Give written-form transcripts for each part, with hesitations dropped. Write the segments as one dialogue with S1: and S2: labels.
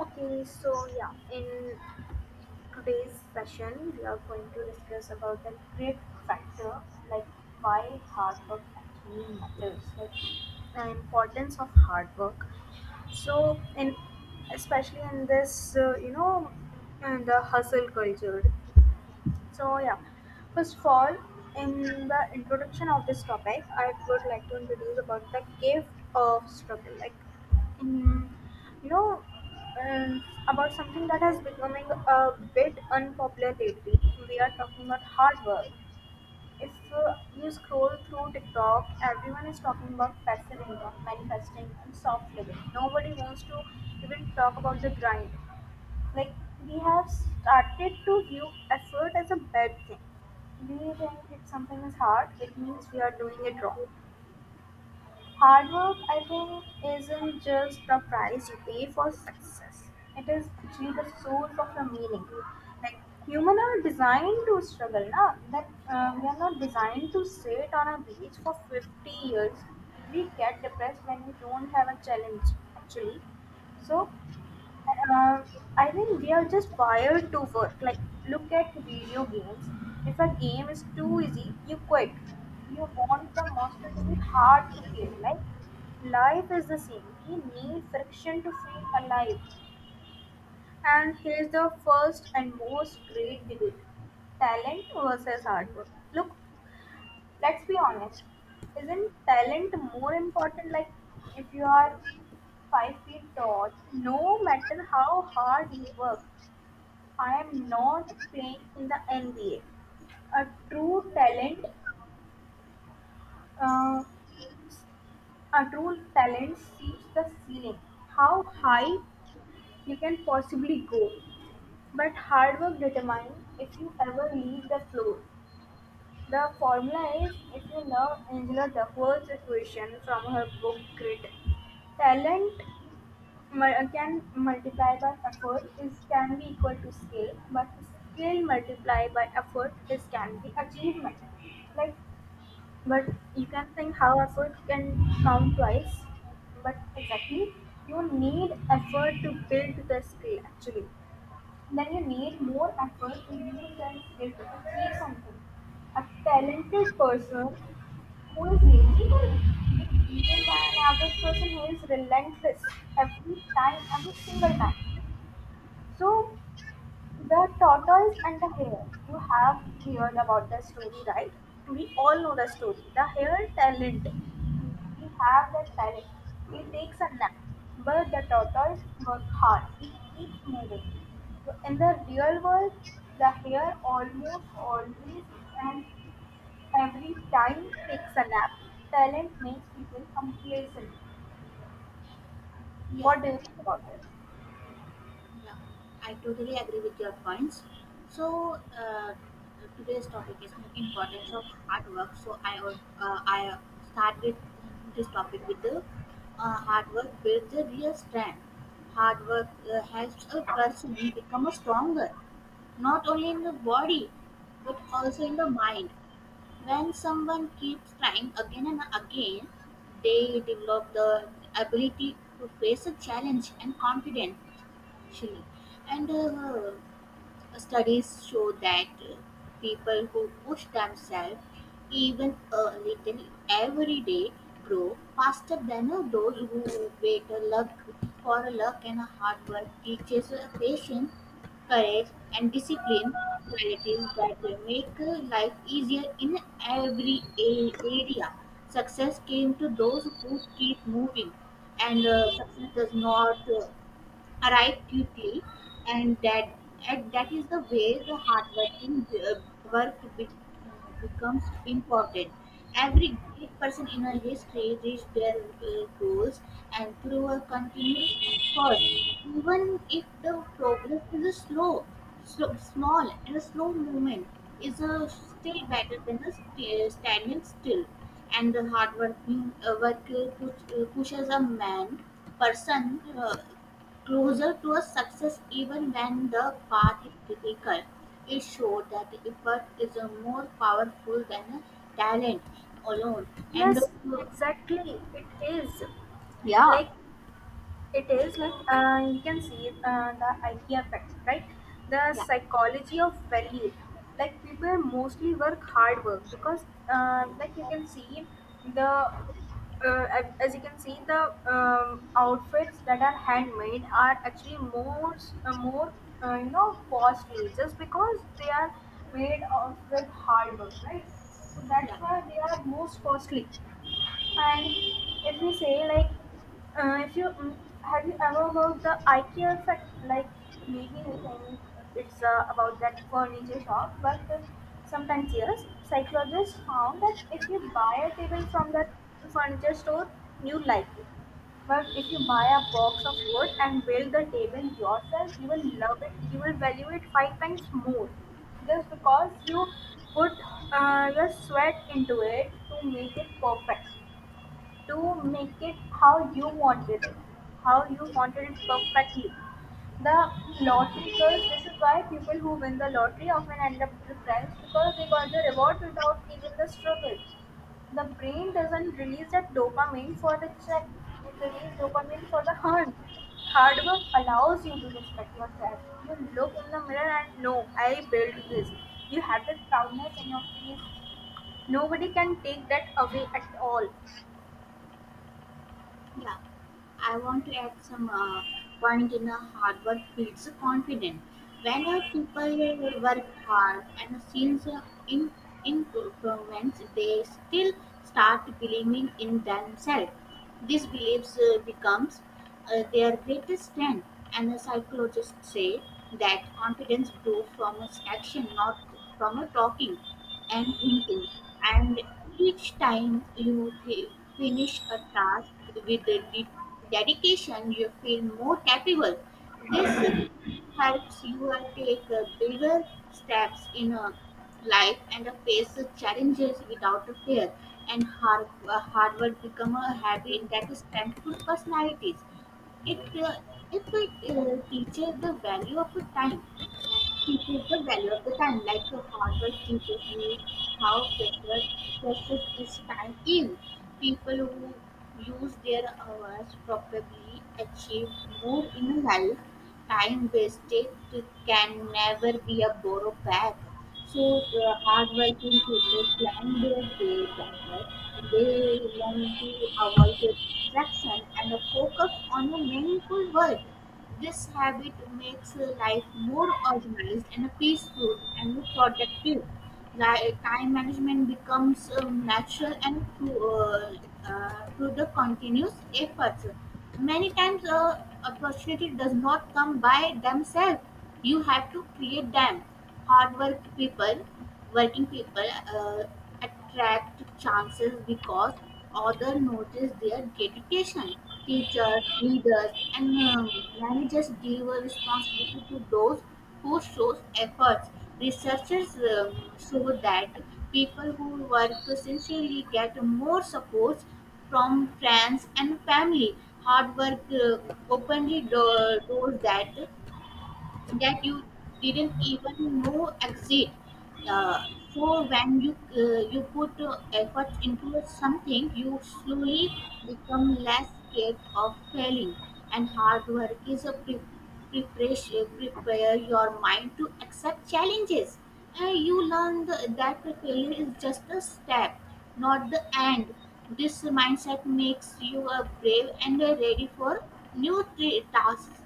S1: In today's session, we are going to discuss about the grit factor, like why hard work actually matters, like the importance of hard work. So, in especially in this, in the hustle culture. So yeah, First of all, in the introduction of this topic, I would like to introduce about the gift of struggle, like in you know um, about something that has becoming a bit unpopular lately. We are talking about hard work. If you scroll through TikTok, everyone is talking about passive income, manifesting, and soft living. Nobody wants to even talk about the grind, like we have started to view effort as a bad thing. Do you think if something is hard, it means we are doing it wrong? Hard work, I think, isn't just the price you pay for success. It is actually the source of the meaning. Like human are designed to struggle, na? That we are not designed to sit on a beach for 50 years. We get depressed when we don't have a challenge. Actually, so um, I mean, we are just wired to work. Like, look at video games. If a game is too easy, you quit. You want the monster to be hard to kill. Like, life is the same. We need friction to feel alive. And here's the first and most great debate, talent versus hard work. Look, let's be honest. Isn't talent more important? Like, if you are 5 feet tall, no matter how hard you work, I am not playing in the NBA. A true talent, uh, a true talent sees the ceiling, how high you can possibly go. But hard work determines if you ever leave the floor. The formula is, if you love Angela Duckworth's equation from her book Grit, talent can multiply by effort is can be equal to skill, but skill multiplied by effort is can be achievement. Like, but you can think how effort can count twice, but exactly, you need effort to build the skill actually. Then you need more effort to use that skill to achieve something. A talented person who is evil? Be evil by an average person who is relentless every time, every single time. So, the tortoise and the hare. You have heard about the story, right? We all know the story. The hare talent. He have that talent. He takes a nap, but the tortoise work hard. He keeps moving. So in the real world, the hare almost always and every time takes a nap. Talent makes people complacent.
S2: Yeah,
S1: What do you think about this?
S2: yeah, I totally agree with your points. So today's topic is importance of hard work. So I would I start with this topic with the hard work builds a real strength. Hard work helps a person become a stronger, not only in the body but also in the mind. When someone keeps trying again and again, they develop the ability to face a challenge and confidence. Actually, And studies show that people who push themselves even a little every day grow faster than those who wait a luck for a luck, and a hard work teaches patience, courage, and discipline qualities that make life easier in every area. Success came to those who keep moving, and success does not arrive quickly, and that is the way the hard working work becomes important. Every great person in a history reached their goals and through a continuous effort, even if the progress is a slow small and a slow movement is a still better than the standing still, and the hard working work pushes a man person closer to a success even when the path is difficult. It shows that effort is a more powerful than a talent alone. And
S1: Yes, exactly. It is.
S2: yeah,
S1: Like It is like you can see the IKEA effect, right? The
S2: yeah,
S1: psychology of value. Like people mostly work hard work because, like you can see the as you can see the outfits that are handmade are actually more costly just because they are made of with hard work, right? So
S2: yeah,
S1: that's why they are most costly. And if you say like, if you mm, have you ever heard the IKEA effect? Like maybe you think it's about that furniture shop, but sometimes yes, psychologists found that if you buy a table from that furniture store, you like it. But if you buy a box of wood and build the table yourself, you will love it. You will value it five times more, just because you put your sweat into it to make it perfect, to make it how you wanted it, how you wanted it perfectly. The lottery girls, this is why people who win the lottery often end up depressed because they got the reward without even the struggle. The brain doesn't release that dopamine for the check, it releases dopamine for the hunt. Hard work allows you to respect yourself. You look in the mirror and know, I built this. You have that proudness in your face. Nobody can take that away at all.
S2: yeah. I want to add some point in a hard work builds confidence. When a people work hard and since in improvements, they still start believing in themselves. These beliefs becomes their greatest strength, and the psychologists say that confidence grows from its action, not from a talking and thinking. And each time you finish a task with the dedication, you feel more capable. This helps you take bigger steps in a life and face challenges without fear. And hard work become a habit that strengthens personalities. It uh, it teaches the value of time. Teaches the time, like a hard work how precious is time is. People who use their hours probably achieve more in life. Time wasted can never be a borrowed back. So the hardworking people plan their day better. They learn to avoid the distraction and focus on a meaningful world. This habit makes life more organized and peaceful and productive. Like, time management becomes natural and through through the continuous efforts. Many times, opportunity does not come by themselves. You have to create them. Hard work people, working people, uh, attract chances because others notice their dedication. Teachers, leaders, and managers give a responsibility to those who shows efforts. Researchers show that people who work sincerely get more support from friends and family. Hard work openly doors that you didn't even know exist. Uh, so when you you put effort into something, you slowly become less scared of failing. And hard work is a prepare your mind to accept challenges. And you learn that failure is just a step, not the end. This mindset makes you a brave and ready for new tasks,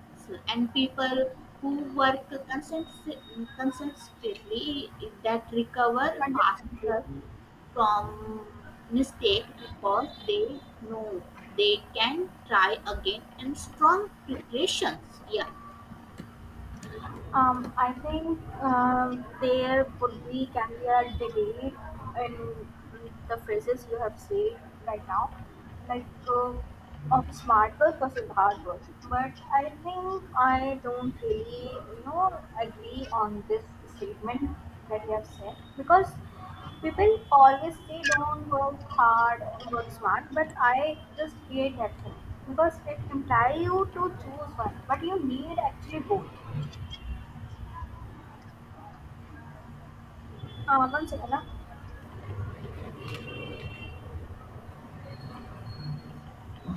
S2: and people who work consist- consistently that recover
S1: Understand
S2: faster
S1: me?
S2: from mistake because they know they can try again and strong preparations. yeah
S1: I think there would be can be a debate in the phrases you have said right now, like of smart work versus hard work. But I think I don't really, you know, agree on this statement that you have said because people always say don't work hard or work smart, but I just hate that thing because it implies you to choose one, but you need actually both. One second. Huh?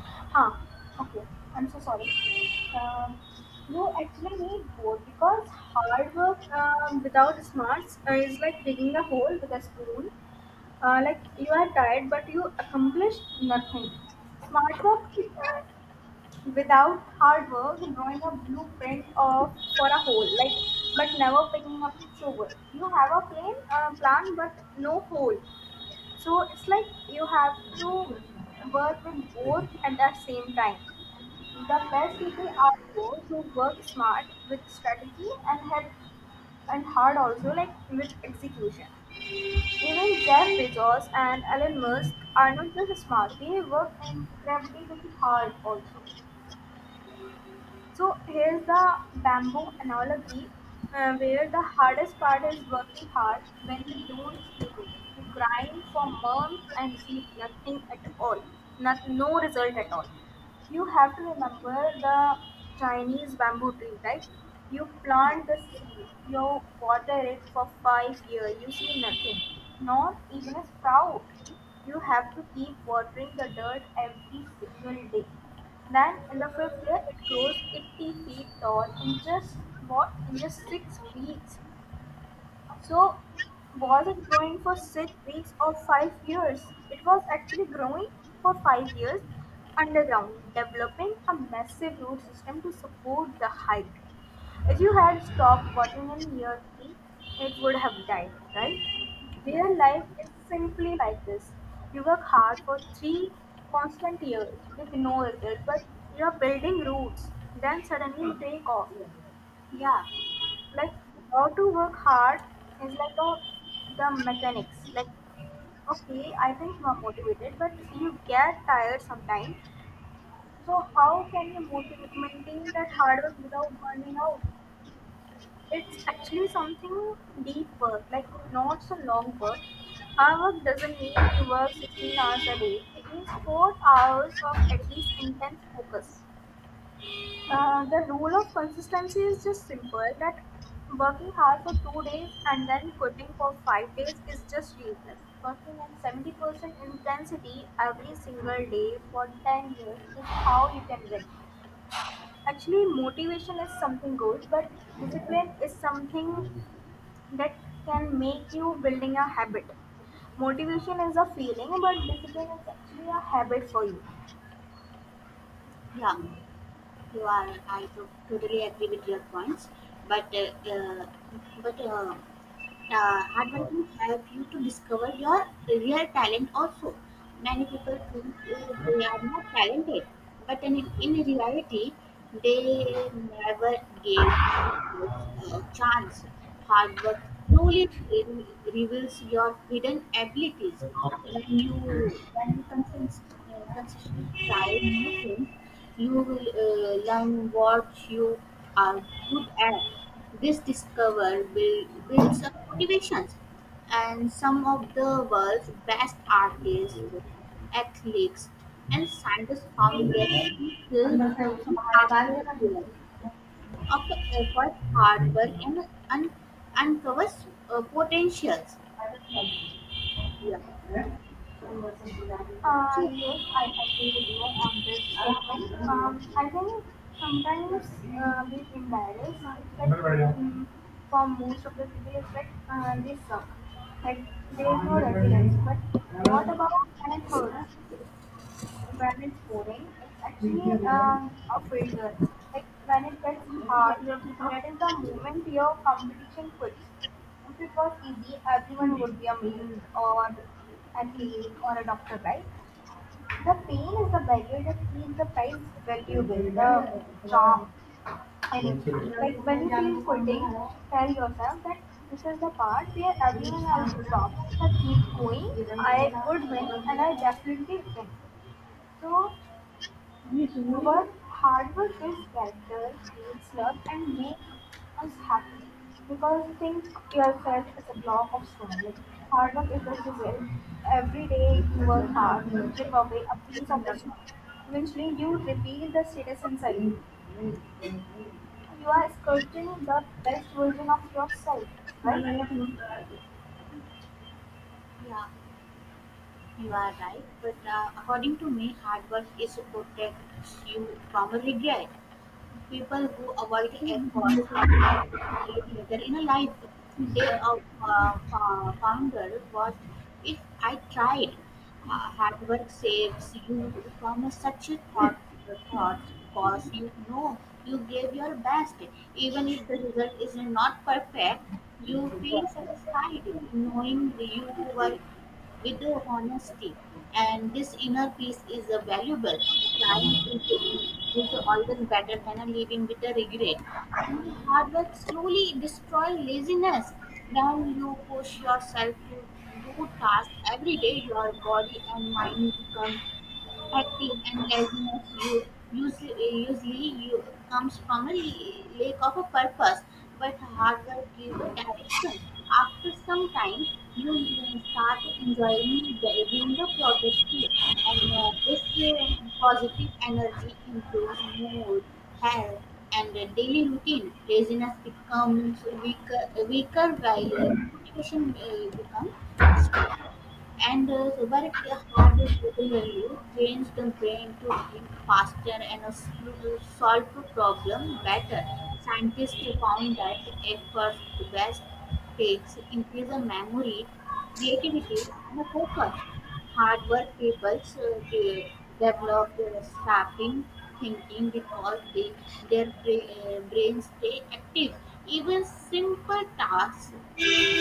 S1: Huh. Okay. I'm so sorry. Um, you actually need both because hard work without smarts is like digging a hole with a spoon. Like you are tired but you accomplish nothing. Smart work uh, without hard work, drawing a blueprint of for a hole, like but never picking up the shovel. You have a plan but no hole. So it's like you have to work with both at the same time. The best people are those who work smart with strategy and head and hard also, like with execution. Even Jeff Bezos and Elon Musk are not just smart, they work incredibly hard also. So here's the bamboo analogy, where the hardest part is working hard when you don't see it. You grind for months and see nothing at all, not, no result at all. You have to remember the Chinese bamboo tree, right? You plant the
S2: yeah
S1: seed, you water it for 5 years, you see nothing, not even a sprout. You have to keep watering the dirt every single day, then in the fifth year, it grows 80 feet tall in just, what, in just 6 weeks. So, was it growing for 6 weeks or 5 years? It was actually growing for 5 years underground, developing a massive root system to support the height. If you had stopped watering in year 3, it would have died, right? Real
S2: yeah
S1: life is simply like this. You work hard for 3 constant years with no result, but you are building roots, then suddenly you take off.
S2: yeah
S1: Like how to work hard is like a the mechanics. Like okay, I think you are motivated, but you get tired sometimes. So how can you motivate maintain that hard work without burning out? It's actually something deep work, like not so long work. Hard work doesn't mean you work 16 hours a day. It means 4 hours of at least intense focus. The rule of consistency is just simple, that working hard for 2 days and then quitting for 5 days is just useless. Working at 70% intensity every single day for 10 years is how you can win. Actually, motivation is something good, but discipline is something that can make you building a habit. Motivation is a feeling, but discipline is actually a habit for you.
S2: yeah you are I to- totally agree with your points, but uh, uh, but hard work can help you to discover your real talent also. Many people think they are not talented, but in reality, they never gave a chance. Hard work slowly reveals your hidden abilities. When you consistently try new things, you will learn what you are good at. This discovery builds up motivations, and some of the world's best artists, athletes, and scientists found their own field only after years of effort, hard work, and uncovers potentials. Yeah. So,
S1: Yes, I agree with you on this statement. I think sometimes being embarrassed is like for most of the people it's like they suck. Like there is no resilience. But what about when it hurts? When it's pouring, it's actually a filter. Like when it gets hard, that is the moment your competition quits. If it was easy, everyone would be a maid or athlete or a doctor, right? The pain is the barrier that keeps the prize valuable, the charm anything. Like when you feel quitting, tell yourself that this is the part where everyone else stops. So keep going, I would win and I definitely win. So but hard work builds character, creates love, and makes us happy. Because think yourself as a block of stone. Like hard work is a chisel. Every day you work hard, you chip away a piece of the stone. Eventually, you reveal the status inside. You are sculpting the best version of yourself, right?
S2: yeah, you are right. But according to me, hard work is protects you from regret. People who avoid efforts often regret later in a life. They founder what if I tried? Hard work saves you from such a thoughts because you know you gave your best. Even if the result is not perfect, you feel satisfied in knowing you were with the honesty. And this inner peace is a valuable. Trying is always better than a living with a regret. And hard work slowly destroy laziness. When you push yourself to do tasks every day, your body and mind become active, and laziness you usually you comes from a lack of a purpose, but harder give a direction. After some time you will start enjoying being the productive, and this uh, positive energy improves mood, health, and the daily routine. Laziness becomes weaker while motivation becomes, and Subarak had regularly trains the brain to think faster and solve the problem better. Scientists found that efforts best takes increase the memory, creativity, and the focus. Hard-work people so develop strapping thinking because their brains stay active. Even simple tasks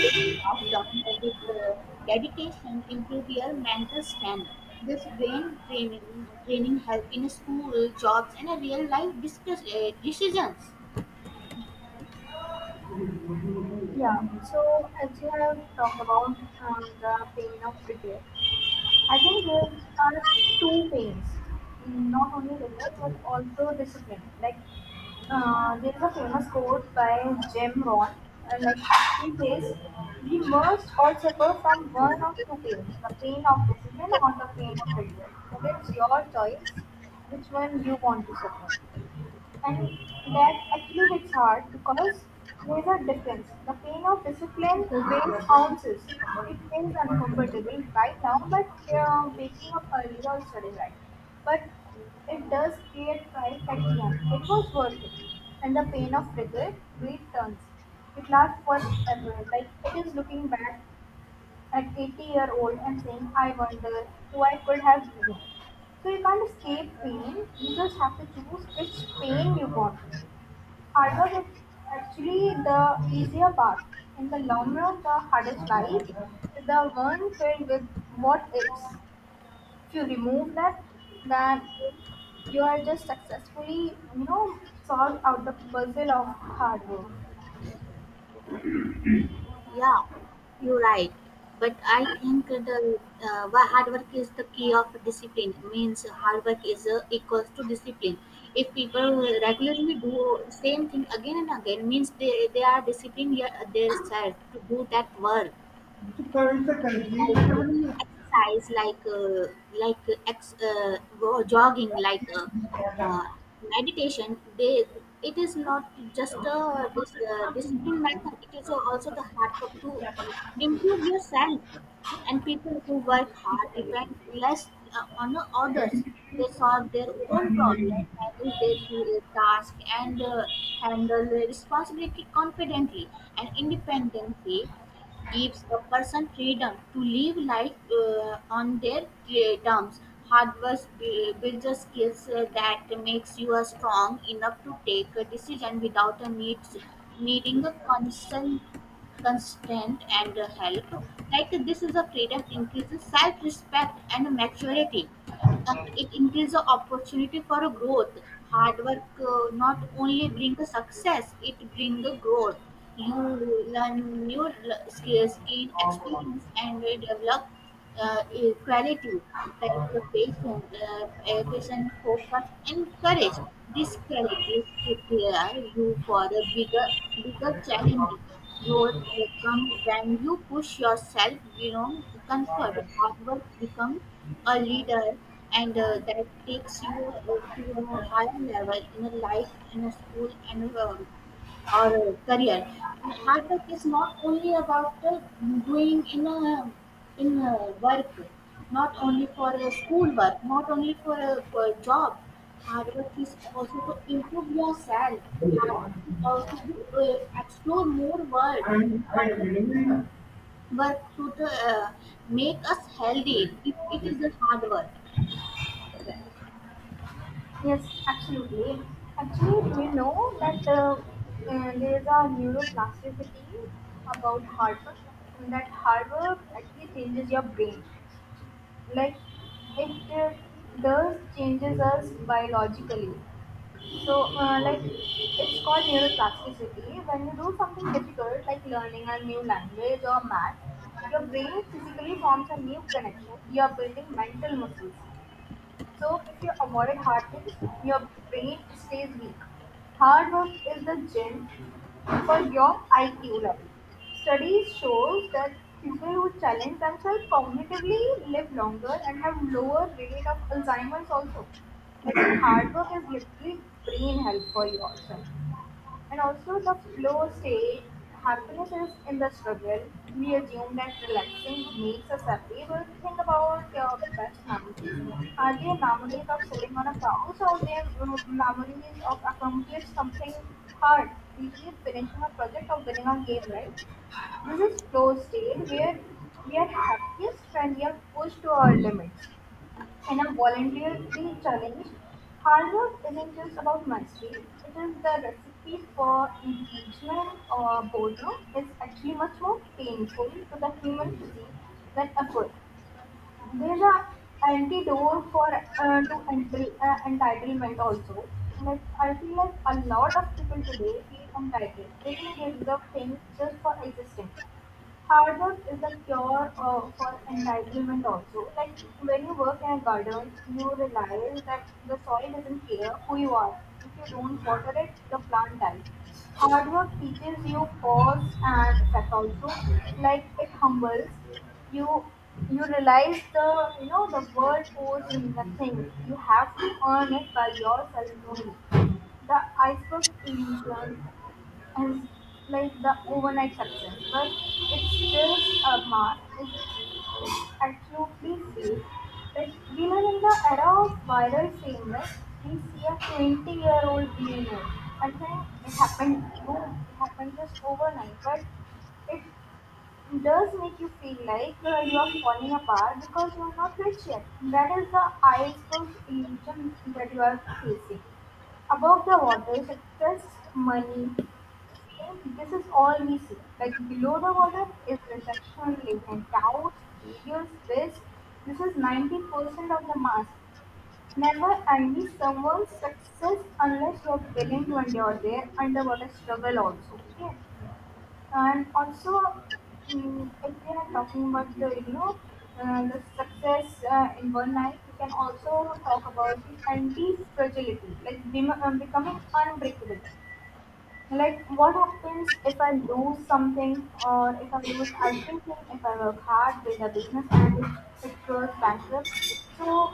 S2: um, passed down with dedication improve your mental strength. This brain training help in school, jobs, and real-life decisions.
S1: Yeah, so as you have talked about the pain of regret, I think there are two pains, not only regret but also discipline. Like there is a famous quote by Jim Rohn, and like he says, "We must all suffer from one of two pains: the pain of discipline or the pain of regret." So it's your choice which one you want to suffer, and that actually hits hard because there's a difference. The pain of discipline weighs ounces. It feels uncomfortable right now, but waking up early or studying right. But it does create pride at the end. It was worth it. And the pain of regret, returns. It lasts forever. Like it is looking back at 80-year-old and saying, I wonder who I could have been. So you can't escape pain, you just have to choose which pain you want. Hard work is actually the easier part. In the long run, the hardest life is the one filled with what ifs. If you remove that, then you are just successfully, you know, solved out the puzzle of hard work.
S2: Yeah, you're right. But I think the why hard work is the key of discipline. Means hard work is equals to discipline. If people regularly do same thing again and again, means they are disciplined, yeah, their self to do that work
S1: So, Kavita, currently,
S2: like
S1: what are you
S2: exercise, like go jogging, like
S1: happy and proud of?
S2: uh, meditation. They it is not just a discipline method, it is also the hard work to improve yourself, and people who work hard depend less on the others. They solve their own problems, handle their task, and handle their responsibility confidently and independently. Gives a person freedom to live life on their terms. Hard work builds a skills that makes you a strong enough to take a decision without a needing a constant constant and help. Like this is a freedom increases self-respect and maturity, it increases the opportunity for a growth. Hard work not only bring the success, it bring the growth. You learn new skills, gain experience, and develop quality like patient focus, and courage. These qualities prepare you for a bigger challenges. Growth comes when you push yourself beyond comfort. Hard work becomes a leader and that takes you to a higher level in a life, in a school, and or a career. Hard work is not only about doing in a work, not only for a school work, not only for a job. Hard work is also to improve yourself. Hard work is also to explore more world. Hard work, but to make us healthy, it is a hard work.
S1: Yes, absolutely. Actually, do you know that there is a neuroplasticity about hard work, that hard work actually changes your brain. Like it does changes us biologically. So, like it's called neuroplasticity. When you do something difficult like learning a new language or math, your brain physically forms a new connection. You are building mental muscles. So, if you avoid hard things, your brain stays weak. Hard work is the gem for your IQ level. Studies shows that people who challenge themselves cognitively live longer and have lower rate of Alzheimer's also. I hard work is literally brain health for yourself. And also the flow state, happiness is in the struggle. We assume that relaxing makes us happy, but think about your best memories. Are they memories of sitting on a couch or they are memories of accomplish something hard, usually finishing a project or winning a game, right? This is flow state where we are happiest when we are pushed to our limits and are challenge. Hard work isn't just about mastery. It is the recipe for engagement or boredom. It's actually much more painful to the human physique than effort. There's a antidote for entitlement also. Like I feel like a lot of people today feel entitled. They think they deserve things just for existing. Hard work is the cure for entitlement also. Like when you work in a garden, you realize that the soil doesn't care who you are. If you don't water it, the plant dies. Hard work teaches you pause and effect also. Like it humbles you. You realize the, you know, the world owes you nothing. You have to earn it by yourself only. The iceberg illusion is like the overnight success, but it's just a mask. It's absolutely safe. But we live in the era of viral shameless. We see a 20-year-old billionaire and think it happened, boom, it happened just overnight. But it it does make you feel like you are falling apart because you are not rich yet. That is the iceberg illusion that you are facing. Above the water, success, money, fame, this is all we see. Like below the water is rejection, and doubts, failures, risk. This is 90% of the mask. Never envy someone's success unless you are willing to endure their underwater struggle also. Okay? And also if we are talking about the, you know, the success in one life, we can also talk about the anti fragility, like becoming unbreakable. Like, what happens if I lose something or if I lose everything, if I work hard, build a business, and it goes bankrupt? So,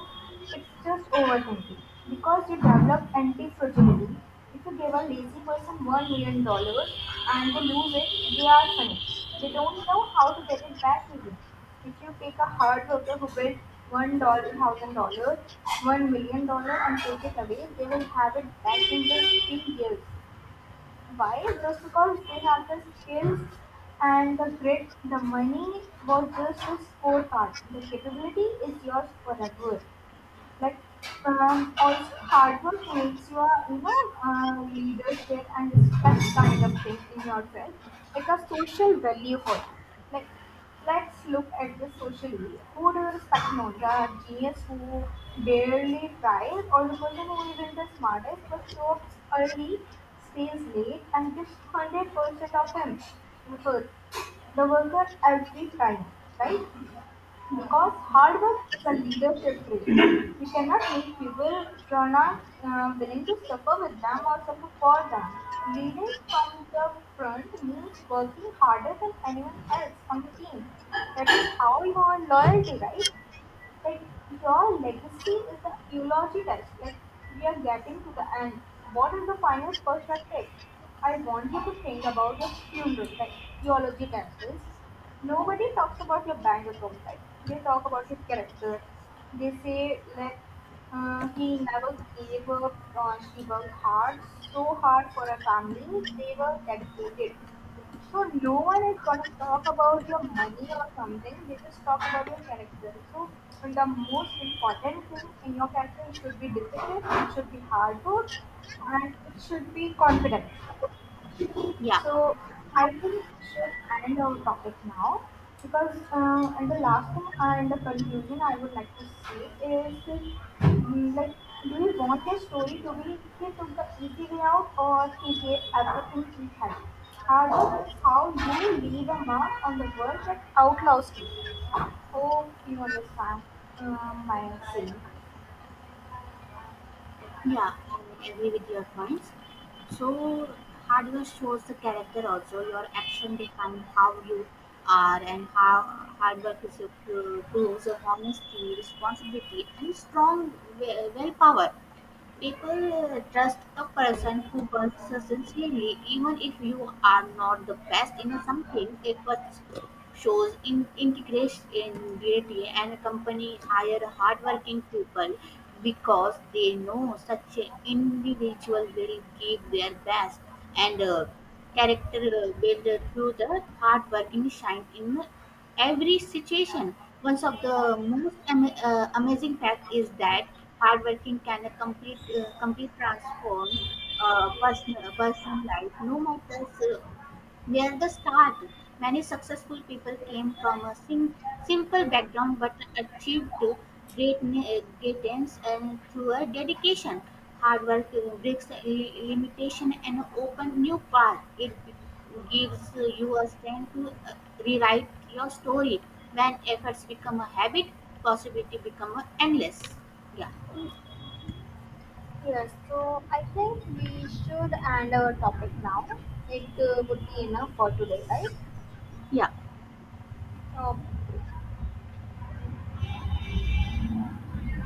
S1: it's just overthinking. Because you develop anti fragility, if you give a lazy person $1 million dollars and they lose it, they are finished. They don't know how to get it back easily. If you take a hard worker who built $1,000, $1 million, and take it away, they will have it back in just 3 years. Why? Just because they have the skills and the grit, the money was just a scorecard. The capability is yours forever. Like also hard work makes you a, you know, leadership and respect kind of thing in yourself, like a social value for you. Like let's look at the socially, who do you respect more? The genius who barely tries or the person who isn't the smartest but shows up early, stays late and gives 100% of him effort? The worker, every time, right? Because hard work is a leadership trait. You cannot make people who are not willing to suffer with them or suffer for them. Leading from the front means working harder than anyone else on the team. That is how you earn loyalty, right? Like your legacy is the eulogy test. Like we are getting to the end. What is the final perspective? I want you to think about your funeral. Like eulogy test is nobody talks about your bank account. Like they talk about your character. They say like he never gave up. She worked hard, so hard for her family. They were dedicated. So no one is gonna talk about your money or something. They just talk about your character. So the most important thing in your character should be discipline, it should be hard work, and it should be confident.
S2: Yeah,
S1: So I think we should end our topic now because and the last thing and the conclusion I would like to say is like, do you want your story to be he took the easy way out or he gave everything he had? Harvard is how you leave a mark on the world that outlaws you. Hope you understand my saying.
S2: yeah, I agree with your points. So hard work shows the character also. Your action define how you are and how hard work is your proves your honesty, responsibility, and strong willpower. People trust a person who works sincerely, even if you are not the best in something. It shows in integration in duty, and a company hire hardworking people because they know such an individual will give their best, and character built through the hard working shine in every situation. One of the most amazing fact is that hardworking can a complete transform person life no matter. So, near the start, many successful people came from a simple background but achieved greatness and through a dedication. Hard work breaks limitation and open new path. It gives you a strength to rewrite your story. When efforts become a habit, possibility become a endless. yeah
S1: Yes, so I think we should end our topic now. It would be enough for today, right?
S2: Yeah.
S1: Opo.